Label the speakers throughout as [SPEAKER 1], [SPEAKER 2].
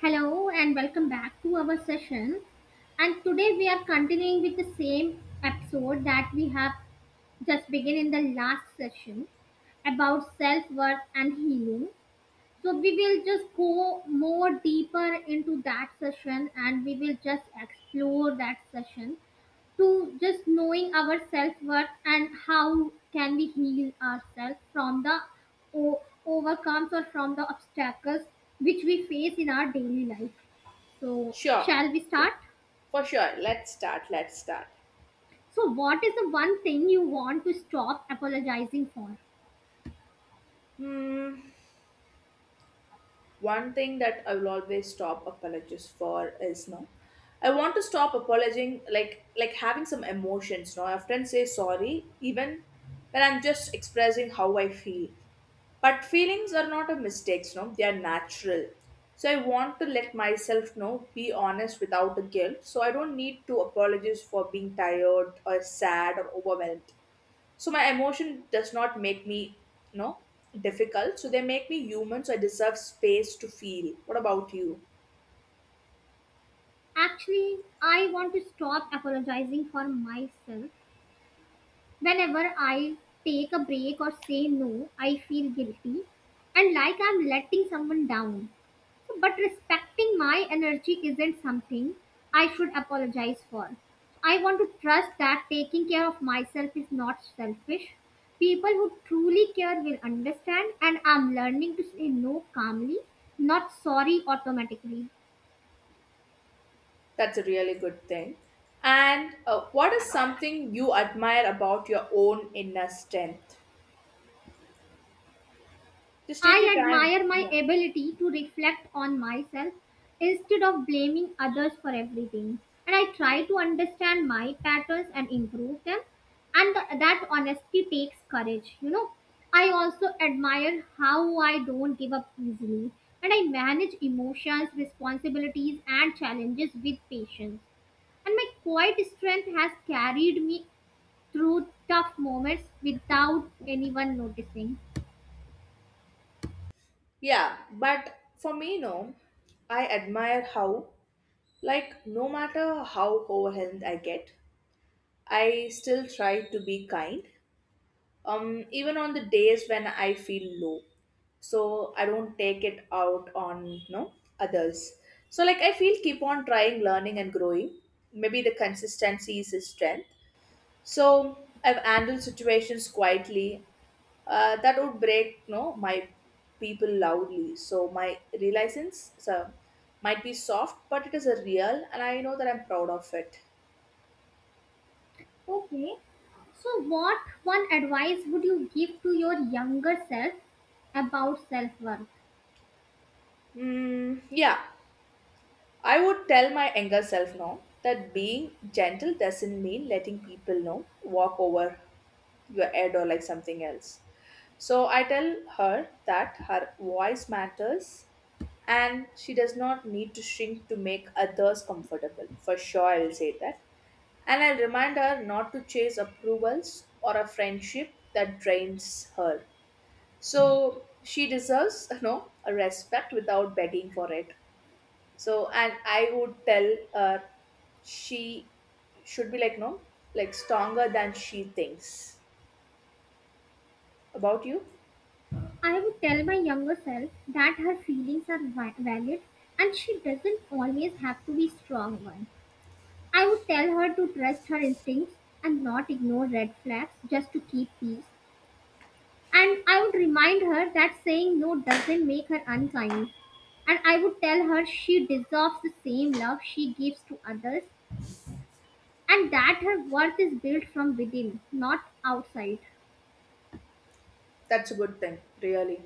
[SPEAKER 1] Hello and welcome back to our session. And today we are continuing with the same episode that we have just begun in the last session about self worth and healing. So we will just go more deeper into that session and we will just explore that session to just knowing our self worth and how can we heal ourselves from the overcomes or from the obstacles which we face in our daily life, so
[SPEAKER 2] Sure,
[SPEAKER 1] shall we
[SPEAKER 2] sure,
[SPEAKER 1] start?
[SPEAKER 2] for sure. Let's start. Let's start.
[SPEAKER 1] So, what is the one thing you want to stop apologizing for?
[SPEAKER 2] Hmm. One thing that I will always stop apologies for is no. I want to stop apologizing, like having some emotions. No, I often say sorry, even when I'm just expressing how I feel. But feelings are not a mistakes. No, they are natural. So I want to let myself know, be honest without a guilt. So I don't need to apologize for being tired or sad or overwhelmed. So my emotion does not make me you know difficult, so they make me human, so I deserve space to feel. What about you?
[SPEAKER 1] Actually, I want to stop apologizing for myself. Whenever I take a break or say no, I feel guilty and like I'm letting someone down. But respecting my energy isn't something I should apologize for. I want to trust that taking care of myself is not selfish. People who truly care will understand, and I'm learning to say no calmly, not sorry automatically.
[SPEAKER 2] That's a really good thing. And what is something you admire about your own inner strength? Just take your
[SPEAKER 1] I
[SPEAKER 2] time.
[SPEAKER 1] admire my
[SPEAKER 2] Yeah,
[SPEAKER 1] ability to reflect on myself instead of blaming others for everything. And I try to understand my patterns and improve them. And that honesty takes courage, you know. I also admire how I don't give up easily. And I manage emotions, responsibilities, and challenges with patience. And my quiet strength has carried me through tough moments without anyone noticing.
[SPEAKER 2] yeah, but for me no, I admire how, like, no matter how overwhelmed I get, I still try to be kind. Even on the days when I feel low, so I don't take it out on others. So like I feel keep on trying, learning and growing. Maybe the consistency is his strength. So I've handled situations quietly, that would break, no, my people loudly, so my realizance, so might be soft but it is a real and I know that I'm proud of it.
[SPEAKER 1] Okay. So, what one advice would you give to your younger self about self worth?
[SPEAKER 2] Mm, yeah. I would tell my younger self now that being gentle doesn't mean letting people know walk over your head or like something else. So I tell her that her voice matters and she does not need to shrink to make others comfortable. For sure, I will say that. And I'll remind her not to chase approvals or a friendship that drains her. So she deserves, you know, a respect without begging for it. So, and I would tell her she should be like, no, like stronger than she thinks about you.
[SPEAKER 1] I would tell my younger self that her feelings are valid and she doesn't always have to be strong one. I would tell her to trust her instincts and not ignore red flags just to keep peace. And I would remind her that saying no doesn't make her unkind and I would tell her she deserves the same love she gives to others and that her worth is built from within, not outside.
[SPEAKER 2] That's a good thing, really.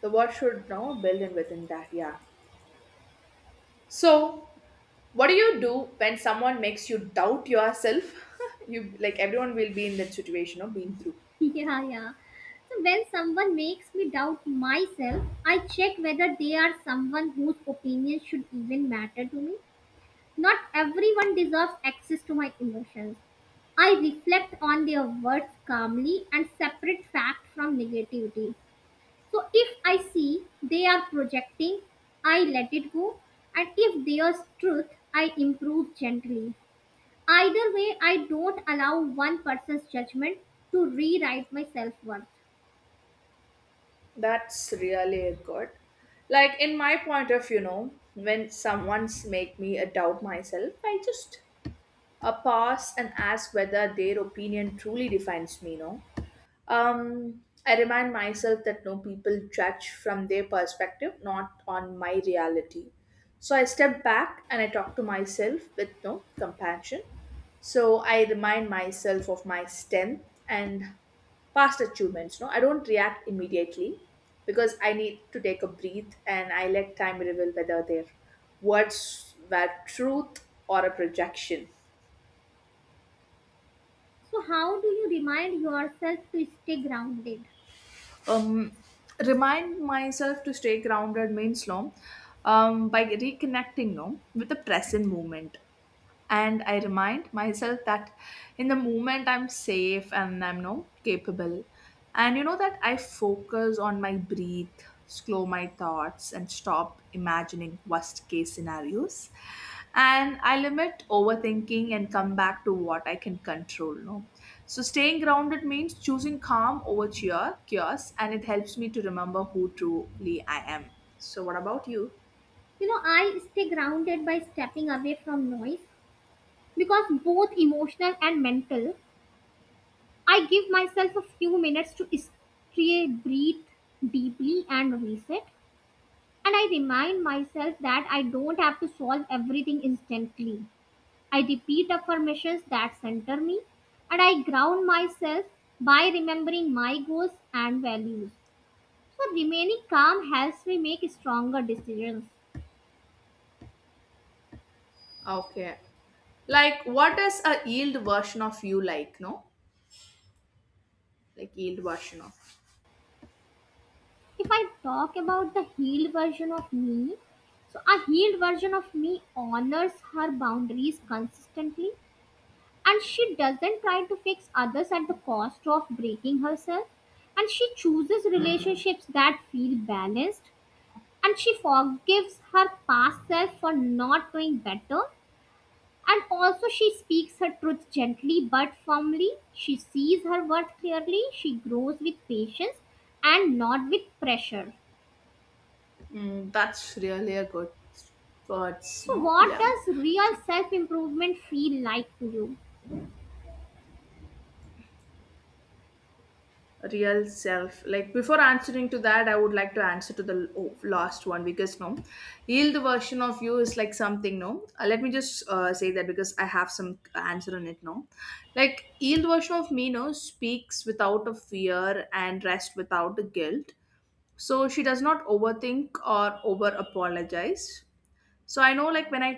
[SPEAKER 2] The word should know, build in within that, yeah. So, what do you do when someone makes you doubt yourself? You, like, everyone will be in that situation or been through.
[SPEAKER 1] Yeah, yeah. So when someone makes me doubt myself, I check whether they are someone whose opinion should even matter to me. Not everyone deserves access to my emotions. I reflect on their words calmly and separate fact from negativity. So if I see they are projecting, I let it go. And if there's truth, I improve gently. Either way, I don't allow one person's judgment to rewrite my self worth.
[SPEAKER 2] That's really good. Like in my point of view, you know, when someone's make me doubt myself, I just pause and ask whether their opinion truly defines me. No, I remind myself that no people judge from their perspective, not on my reality. So I step back and I talk to myself with no compassion. So I remind myself of my strength and past achievements. No, I don't react immediately because I need to take a breath and I let time reveal whether their words were truth or a projection.
[SPEAKER 1] So, how do you remind yourself to stay grounded?
[SPEAKER 2] um, Remind myself to stay grounded means no, by reconnecting, no, with the present moment. And I remind myself that in the moment I'm safe and I'm no capable. And you know that I focus on my breath, slow my thoughts and stop imagining worst case scenarios. And I limit overthinking and come back to what I can control, no. So staying grounded means choosing calm over cheer chaos and it helps me to remember who truly I am. So what about you?
[SPEAKER 1] You know, I stay grounded by stepping away from noise because both emotional and mental, I give myself a few minutes to stay, breathe deeply, and reset. And I remind myself that I don't have to solve everything instantly. I repeat affirmations that center me, and I ground myself by remembering my goals and values. So, remaining calm helps me make stronger decisions.
[SPEAKER 2] Okay. Like, what is a yield version of you like? No, like yield version of.
[SPEAKER 1] If I talk about the healed version of me, so a healed version of me honors her boundaries consistently, and she doesn't try to fix others at the cost of breaking herself, and she chooses relationships that feel balanced and she forgives her past self for not doing better and also she speaks her truth gently but firmly. She sees her worth clearly. She grows with patience and not with pressure.
[SPEAKER 2] Mm, that's really a good words.
[SPEAKER 1] So
[SPEAKER 2] No,
[SPEAKER 1] what
[SPEAKER 2] yeah.
[SPEAKER 1] does real self improvement feel like to you?
[SPEAKER 2] Real self. Like before answering to that, I would like to answer to the oh, last one because no, yield version of you is like something. No. Let me just say that because I have some answer on it. No, like yield version of me. No, speaks without a fear and rest without a guilt. So she does not overthink or over apologize. So I know like when I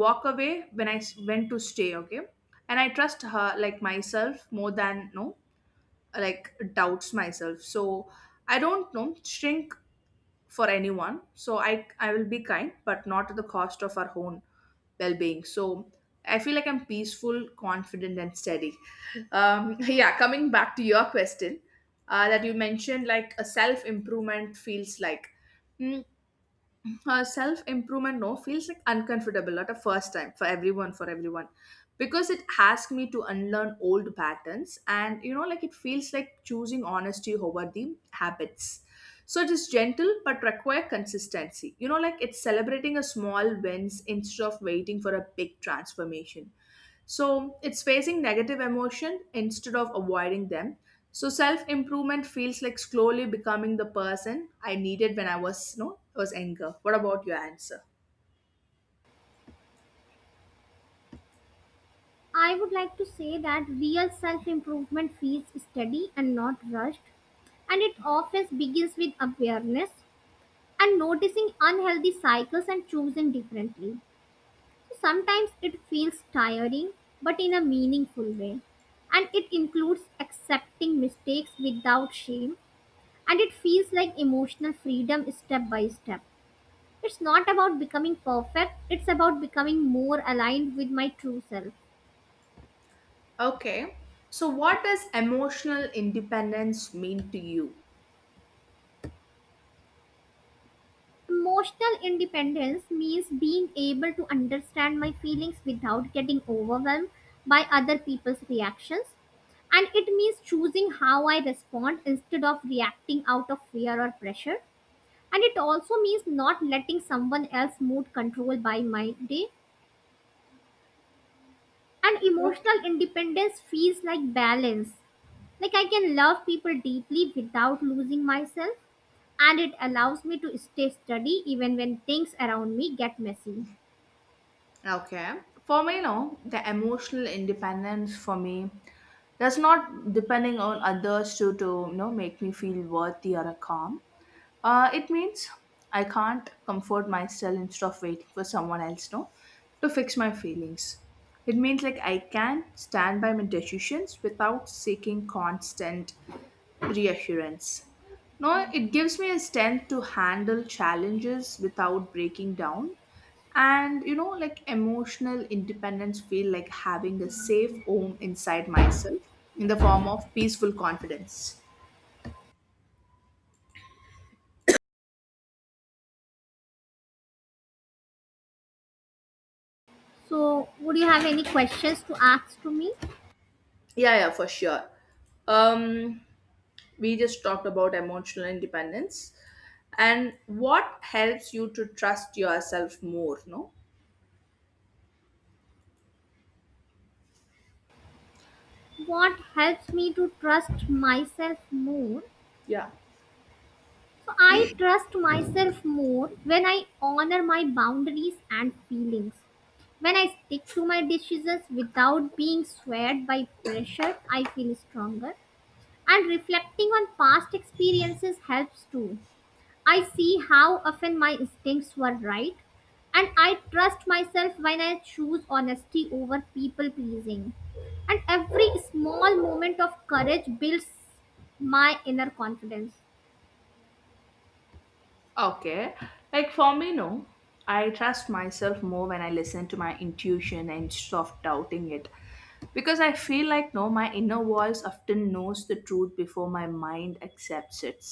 [SPEAKER 2] walk away, when I went to stay okay, and I trust her like myself more than no, like doubts myself. So I don't know, shrink for anyone. So I will be kind but not at the cost of our own well-being. So I feel like I'm peaceful, confident and steady. Yeah, coming back to your question, that you mentioned like a self-improvement feels like, hmm, self improvement, no, feels like uncomfortable at a first time for everyone because it asks me to unlearn old patterns. And you know, like it feels like choosing honesty over the habits. So it is gentle but require consistency. You know, like it's celebrating a small wins instead of waiting for a big transformation. So it's facing negative emotion instead of avoiding them. So self improvement feels like slowly becoming the person I needed when I was no was anger. What about your answer?
[SPEAKER 1] I would like to say that real self improvement feels steady and not rushed, and it often begins with awareness and noticing unhealthy cycles and choosing differently. Sometimes it feels tiring, but in a meaningful way. And it includes accepting mistakes without shame, and it feels like emotional freedom step by step. It's not about becoming perfect, it's about becoming more aligned with my true self.
[SPEAKER 2] Okay. So what does emotional independence mean to you?
[SPEAKER 1] Emotional independence means being able to understand my feelings without getting overwhelmed by other people's reactions, and it means choosing how I respond instead of reacting out of fear or pressure. And it also means not letting someone else mood control by my day. And emotional
[SPEAKER 2] Okay.
[SPEAKER 1] independence feels like balance. Like I can love people deeply without losing myself. And it allows me to stay steady even when things around me get messy.
[SPEAKER 2] Okay. For me, no, the emotional independence for me, that's not depending on others to you know make me feel worthy or calm. It means I can't comfort myself instead of waiting for someone else, no, to fix my feelings. It means like I can stand by my decisions without seeking constant reassurance. No, it gives me a strength to handle challenges without breaking down. And you know, like emotional independence feel like having a safe home inside myself in the form of peaceful confidence.
[SPEAKER 1] So, would you have any questions to ask to me?
[SPEAKER 2] Yeah, yeah, for sure. Um, we just talked about emotional independence and what helps you to trust yourself more, no?
[SPEAKER 1] What helps me to trust myself more?
[SPEAKER 2] Yeah.
[SPEAKER 1] So, I trust myself more when I honor my boundaries and feelings. When I stick to my decisions without being swayed by pressure, I feel stronger. And reflecting on past experiences helps too. I see how often my instincts were right, and I trust myself when I choose honesty over people pleasing. And every small moment of courage builds my inner confidence.
[SPEAKER 2] Okay. Like for me, no. I trust myself more when I listen to my intuition and stop doubting it. Because I feel like no, my inner voice often knows the truth before my mind accepts it.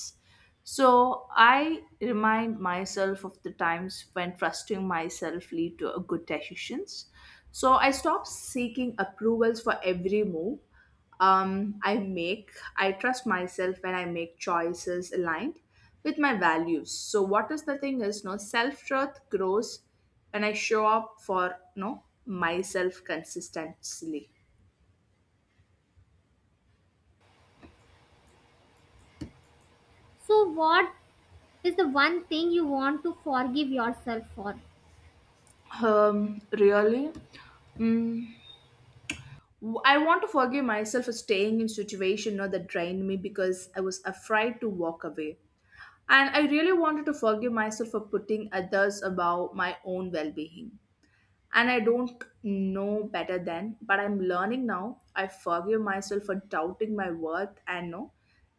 [SPEAKER 2] So I remind myself of the times when trusting myself lead to a good decisions. So I stop seeking approvals for every move I make. I trust myself when I make choices aligned with my values. So what is the thing is, no self trust grows when I show up for no myself consistently.
[SPEAKER 1] So, what is the one thing you want to forgive yourself for?
[SPEAKER 2] Really, I want to forgive myself for staying in situation you know, that drained me because I was afraid to walk away. And I really wanted to forgive myself for putting others above my own well being. And I don't know better then, but I'm learning now. I forgive myself for doubting my worth and no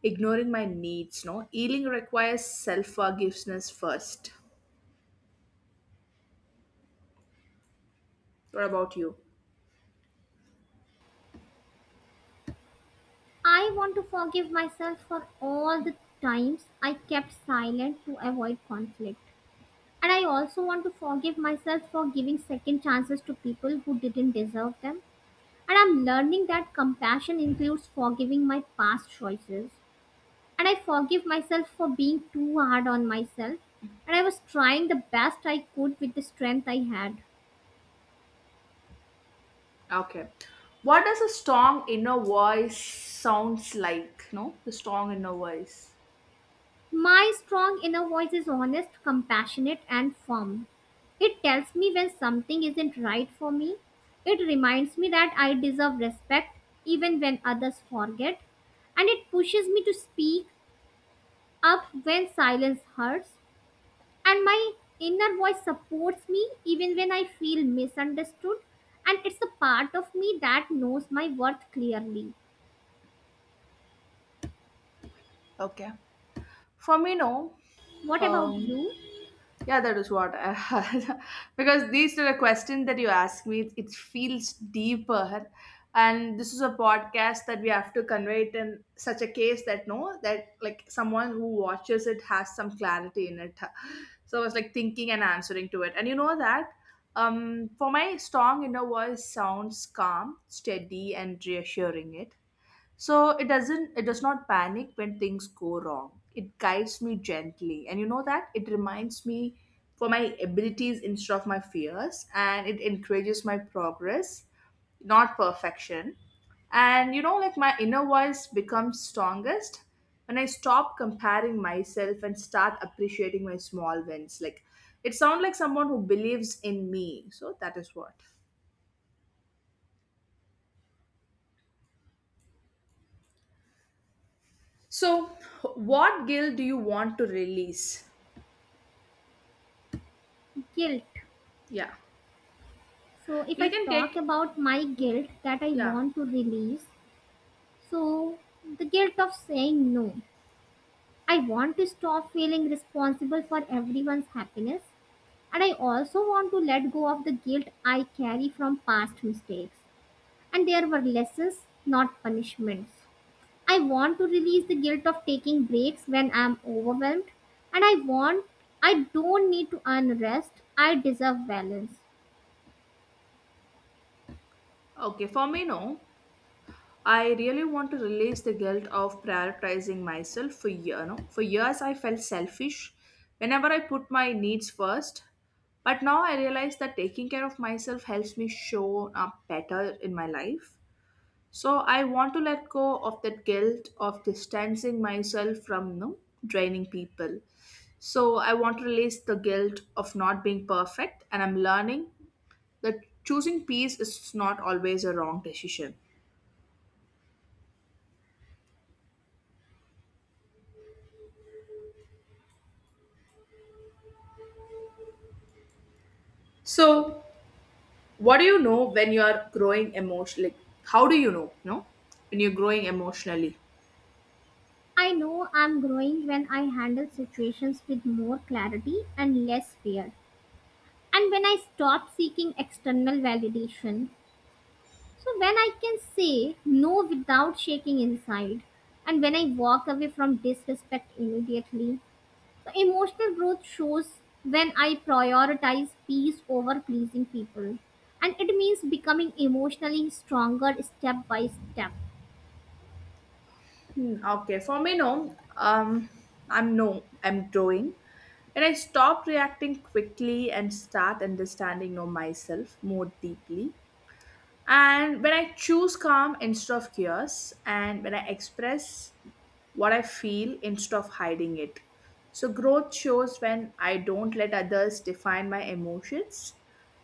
[SPEAKER 2] ignoring my needs. No healing requires self forgiveness first. What about you?
[SPEAKER 1] I want to forgive myself for all the times I kept silent to avoid conflict. And I also want to forgive myself for giving second chances to people who didn't deserve them. And I'm learning that compassion includes forgiving my past choices. And I forgive myself for being too hard on myself. And I was trying the best I could with the strength I had.
[SPEAKER 2] Okay. What does a strong inner voice sounds like? No, the strong inner voice.
[SPEAKER 1] My strong inner voice is honest, compassionate, and firm. It tells me when something isn't right for me. It reminds me that I deserve respect even when others forget. And it pushes me to speak up when silence hurts. And my inner voice supports me even when I feel misunderstood. And it's a part of me that knows my worth clearly.
[SPEAKER 2] Okay. For me, no.
[SPEAKER 1] What about
[SPEAKER 2] Um,
[SPEAKER 1] you?
[SPEAKER 2] Yeah, that is what. I, because these are the questions that you ask me. It feels deeper, and this is a podcast that we have to convey it in such a case that no, that like someone who watches it has some clarity in it. So I was like thinking and answering to it, and you know that. For my strong inner voice sounds calm, steady, and reassuring. It. So it does not panic when things go wrong. It guides me gently. And you know that it reminds me for my abilities instead of my fears and it encourages my progress, not perfection. And you know like my inner voice becomes strongest when I stop comparing myself and start appreciating my small wins. Like it sounds like someone who believes in me. So that is what. So what guilt do you want to release?
[SPEAKER 1] Guilt.
[SPEAKER 2] Yeah.
[SPEAKER 1] So, if I
[SPEAKER 2] You can
[SPEAKER 1] talk
[SPEAKER 2] take,
[SPEAKER 1] about my guilt that I
[SPEAKER 2] yeah.
[SPEAKER 1] want to release, so the guilt of saying no. I want to stop feeling responsible for everyone's happiness, and I also want to let go of the guilt I carry from past mistakes. And there were lessons, not punishments. I want to release the guilt of taking breaks when I'm overwhelmed, and I don't need to earn rest, I deserve balance.
[SPEAKER 2] Okay, for me, no. I really want to release the guilt of prioritizing myself for year, no? For years, I felt selfish whenever I put my needs first. But now I realize that taking care of myself helps me show up better in my life. So I want to let go of that guilt of distancing myself from no draining people. So I want to release the guilt of not being perfect, and I'm learning that choosing peace is not always a wrong decision. So, what do you know when you are growing emotionally? Like, how do you know? No, when you're growing emotionally.
[SPEAKER 1] I know I'm growing when I handle situations with more clarity and less fear, and when I stop seeking external validation. So, when I can say no without shaking inside, and when I walk away from disrespect immediately. So, emotional growth shows when I prioritize peace over pleasing people, and it means becoming emotionally stronger step by step.
[SPEAKER 2] Hmm, okay, for me, no. I'm no. I'm growing, and I stop reacting quickly and start understanding no myself more deeply. And when I choose calm instead of chaos, and when I express what I feel instead of hiding it. So, growth shows when I don't let others define my emotions.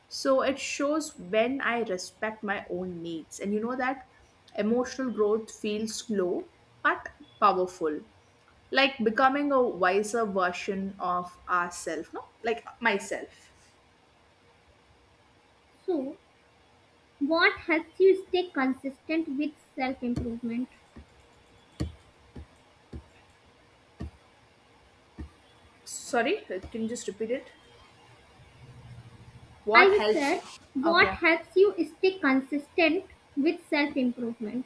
[SPEAKER 2] So, it shows when I respect my own needs. And you know that emotional growth feels slow but powerful, like becoming a wiser version of ourselves, no? Like myself.
[SPEAKER 1] So, what helps you stay consistent with self improvement?
[SPEAKER 2] Sorry, can you just repeat it? What
[SPEAKER 1] I
[SPEAKER 2] helps
[SPEAKER 1] said,
[SPEAKER 2] you?
[SPEAKER 1] what
[SPEAKER 2] Okay.
[SPEAKER 1] helps you stay consistent with self improvement?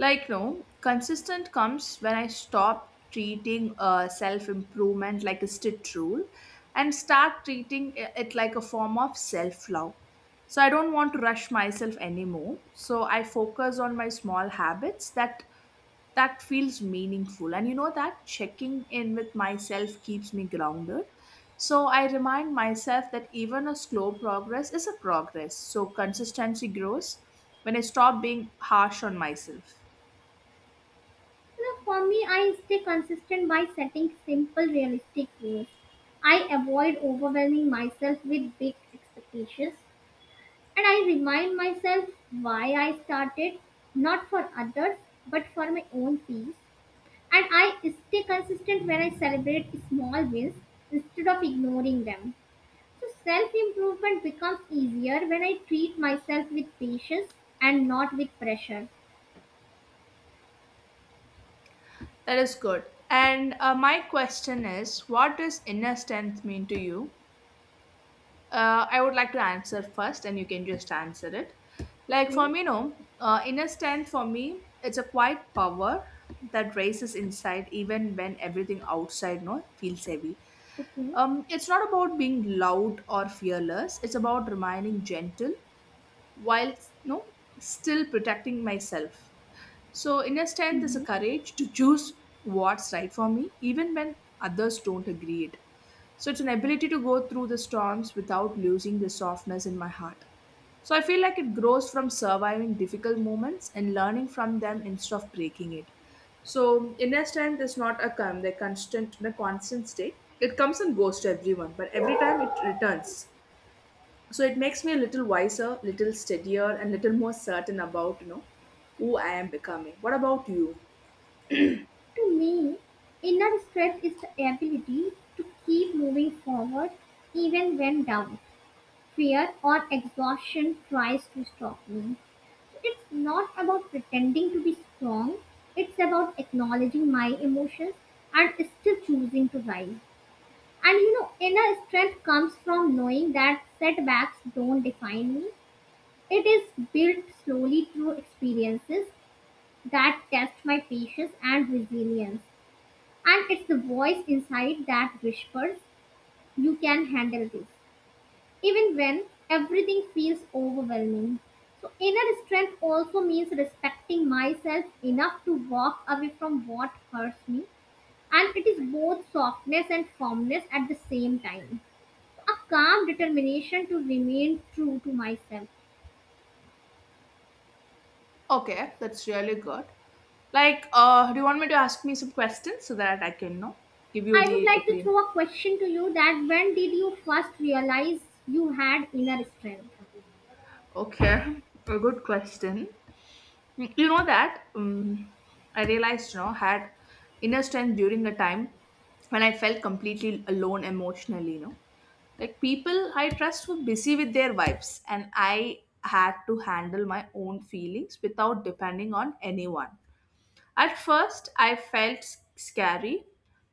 [SPEAKER 2] Like, no, consistent comes when I stop treating self improvement like a strict rule and start treating it like a form of self love. So, I don't want to rush myself anymore. So, I focus on my small habits that feels meaningful. And you know that checking in with myself keeps me grounded. So I remind myself that even a slow progress is a progress. So consistency grows when I stop being harsh on myself.
[SPEAKER 1] You know, for me, I stay consistent by setting simple, realistic goals. I avoid overwhelming myself with big expectations and I remind myself why I started, not for others, but for my own peace. And I stay consistent when I celebrate small wins instead of ignoring them. So self-improvement becomes easier when I treat myself with patience and not with pressure.
[SPEAKER 2] That is good. And my question is, what does inner strength mean to you? I would like to answer first, and you can just answer it. Like for
[SPEAKER 1] Okay.
[SPEAKER 2] me, no, inner strength for me, it's a quiet power that raises inside even when everything outside no feels heavy.
[SPEAKER 1] Okay.
[SPEAKER 2] It's not about being loud or fearless. It's about remaining gentle while no still protecting myself. So, inner strength is a
[SPEAKER 1] Mm-hmm.
[SPEAKER 2] courage to choose what's right for me, even when others don't agree it. So, it's an ability to go through the storms without losing the softness in my heart. So, I feel like it grows from surviving difficult moments and learning from them instead of breaking it. So, inner strength is not the constant, in a constant state. It comes and goes to everyone, but every time it returns, so it makes me a little wiser, little steadier, and little more certain about who I am becoming. What about you?
[SPEAKER 1] To me, inner strength is the ability to keep moving forward even when down. Fear or exhaustion tries to stop me. So it's not about pretending to be strong, it's about acknowledging my emotions and still choosing to rise. And you know, inner strength comes from knowing that setbacks don't define me. It is built slowly through experiences that test my patience and resilience. And it's the voice inside that whispers, "You can handle this," even when everything feels overwhelming. So, inner strength also means respecting myself enough to walk away from what hurts me. And it is both softness and firmness at the same time, a calm determination to remain true to myself.
[SPEAKER 2] Okay, that's really good. Like, do you want me to ask me some questions so that I can give you
[SPEAKER 1] I would
[SPEAKER 2] the
[SPEAKER 1] like to
[SPEAKER 2] opinion?
[SPEAKER 1] throw a question to you that when did you first realize you had inner strength?
[SPEAKER 2] Okay, a good question. Mm, you know that I realized, you know, had inner strength during a time when I felt completely alone emotionally. You know, like people I trust were busy with their vibes, and I had to handle my own feelings without depending on anyone. At first, I felt scary,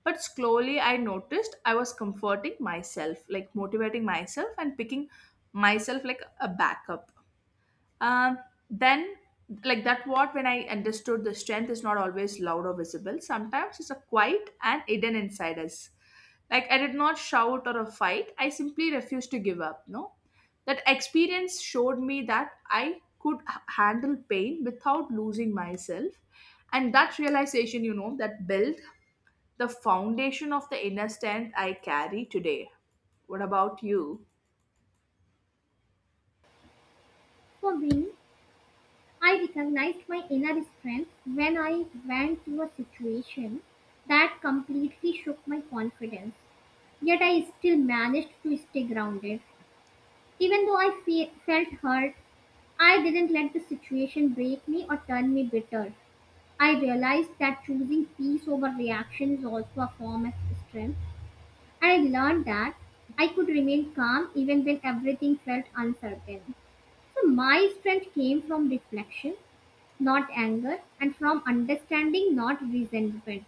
[SPEAKER 2] but slowly I noticed I was comforting myself, like motivating myself and picking myself like a backup. Um, then, like that, what when I understood the strength is not always loud or visible. Sometimes it's a quiet and hidden inside us. Like I did not shout or a fight. I simply refused to give up. No, that experience showed me that I could handle pain without losing myself, and that realization, you know, that built the foundation of the inner strength I carry today. What about you?
[SPEAKER 1] For me, I recognized my inner strength when I went through a situation that completely shook my confidence. Yet I still managed to stay grounded. Even though I felt hurt, I didn't let the situation break me or turn me bitter. I realized that choosing peace over reaction is also a form of strength, and I learned that I could remain calm even when everything felt uncertain. So, my strength came from reflection, not anger, and from understanding, not resentment.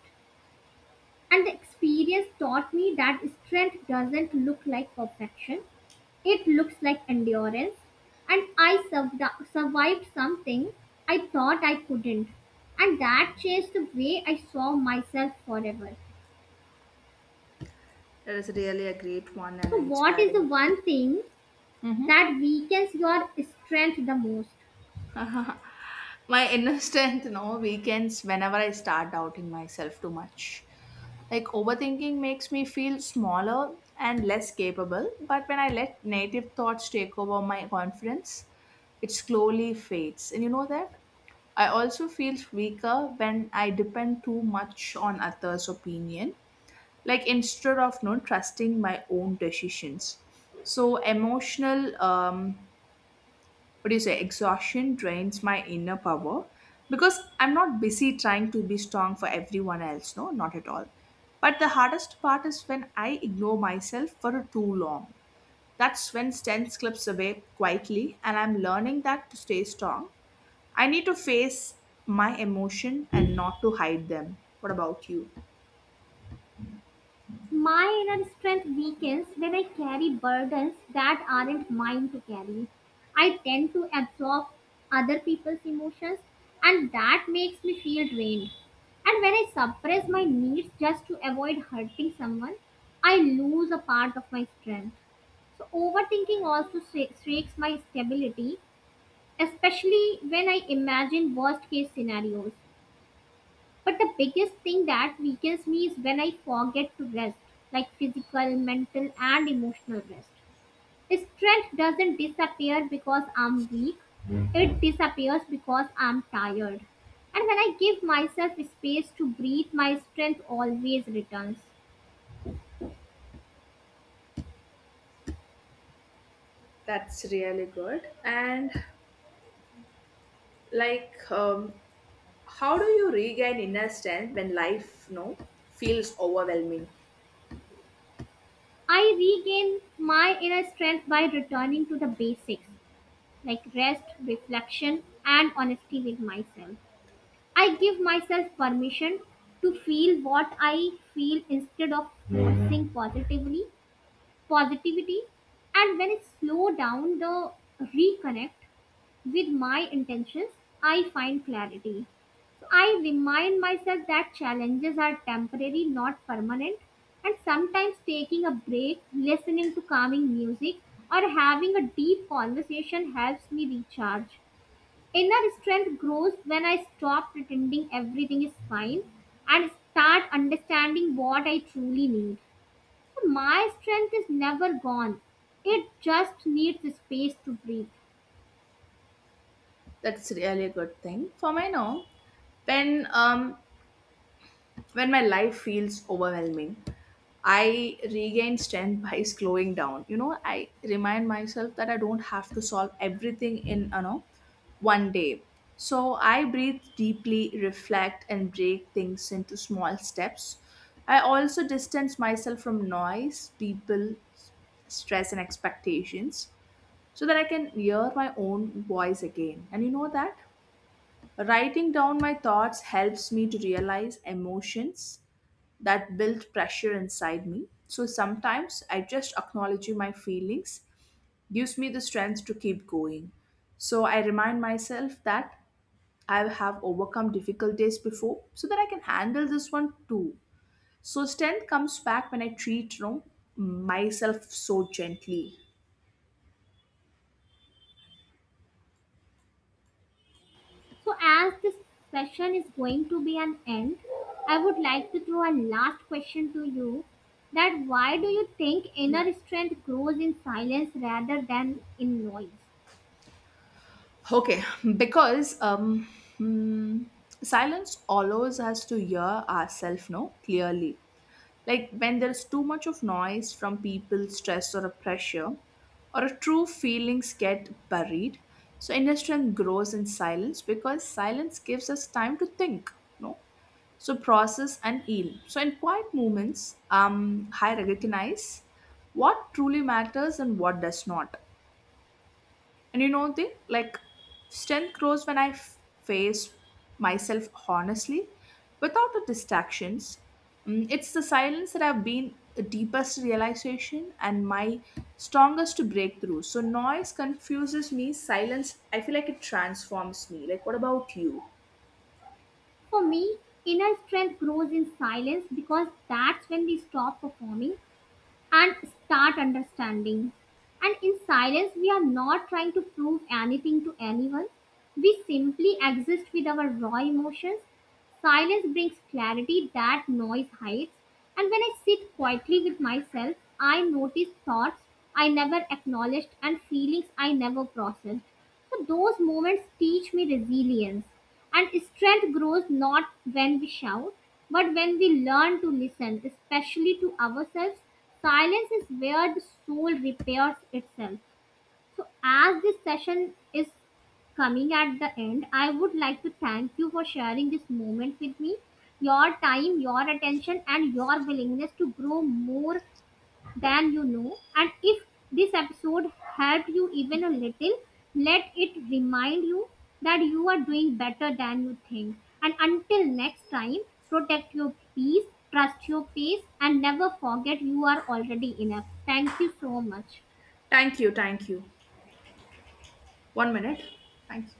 [SPEAKER 1] And the experience taught me that strength doesn't look like perfection, it looks like endurance. And I survived something I thought I couldn't. And that changed the way I saw myself forever.
[SPEAKER 2] That is really a great one and
[SPEAKER 1] So, what is the
[SPEAKER 2] inspiring.
[SPEAKER 1] one thing
[SPEAKER 2] Mm-hmm.
[SPEAKER 1] that weakens your strength the most?
[SPEAKER 2] My inner strength no weekends whenever I start doubting myself too much. Like overthinking makes me feel smaller and less capable, but when I let native thoughts take over my confidence, it slowly fades. And you know that I also feel weaker when I depend too much on others opinion, like instead of not trusting my own decisions. So emotional, what do you say, exhaustion drains my inner power because I'm not busy trying to be strong for everyone else. No, not at all. But the hardest part is when I ignore myself for too long. That's when strength slips away quietly, and I'm learning that to stay strong, I need to face my emotion and not to hide them. What about you?
[SPEAKER 1] My inner strength weakens when I carry burdens that aren't mine to carry. I tend to absorb other people's emotions, and that makes me feel drained. And when I suppress my needs just to avoid hurting someone, I lose a part of my strength. So, overthinking also shakes my stability, especially when I imagine worst case scenarios. But the biggest thing that weakens me is when I forget to rest, like physical, mental, and emotional rest. Strength doesn't disappear because I'm weak, it disappears because I'm tired. And when I give myself space to breathe, my strength always returns.
[SPEAKER 2] That's really good. And like how do you regain inner strength when life no feels overwhelming?
[SPEAKER 1] I regain my inner strength by returning to the basics, like rest, reflection, and honesty with myself. I give myself permission to feel what I feel instead of forcing positively positivity, and when I slow down the reconnect with my intentions I find clarity. So I remind myself that challenges are temporary, not permanent, and sometimes taking a break, listening to calming music, or having a deep conversation helps me recharge. Inner strength grows when I stop pretending everything is fine and start understanding what I truly need. So my strength is never gone. It just needs space to breathe.
[SPEAKER 2] That's really a good thing. For me now, when when my life feels overwhelming, I regain strength by slowing down. You know, I remind myself that I don't have to solve everything in one day. So I breathe deeply, reflect, and break things into small steps. I also distance myself from noise, people, stress, and expectations so that I can hear my own voice again. And you know that? Writing down my thoughts helps me to realize emotions that build pressure inside me. So sometimes I just acknowledging my feelings gives me the strength to keep going. So I remind myself that I have overcome difficult days before so that I can handle this one too. So strength comes back when I treat, myself so gently.
[SPEAKER 1] So as this session is going to be an end, I would like to throw a last question to you that why do you think
[SPEAKER 2] Yeah.
[SPEAKER 1] inner strength grows in silence rather than in noise?
[SPEAKER 2] Okay, because mm, silence allows us to hear ourselves no clearly. Like when there's too much of noise from people, stress or a pressure, or a true feelings get buried. So inner strength grows in silence because silence gives us time to think. No, so process and heal. So in quiet moments, I recognize what truly matters and what does not. And you know the like strength grows when I face myself honestly, without the distractions. Mm, it's the silence that I've been the deepest realization and my strongest breakthrough. So noise confuses me. Silence, I feel like it transforms me. Like what about you?
[SPEAKER 1] For me, inner strength grows in silence because that's when we stop performing and start understanding. And in silence, we are not trying to prove anything to anyone. We simply exist with our raw emotions. Silence brings clarity that noise hides. And when I sit quietly with myself, I notice thoughts I never acknowledged and feelings I never processed. So those moments teach me resilience. And strength grows not when we shout, but when we learn to listen, especially to ourselves. Silence is where the soul repairs itself. So, as this session is coming at the end, I would like to thank you for sharing this moment with me. Your time, your attention, and your willingness to grow more than you know. And if this episode helped you even a little, let it remind you that you are doing better than you think. And until next time, protect your peace, trust your pace, and never forget you are already enough. Thank you so much.
[SPEAKER 2] Thank you, thank you. One minute. Thank you.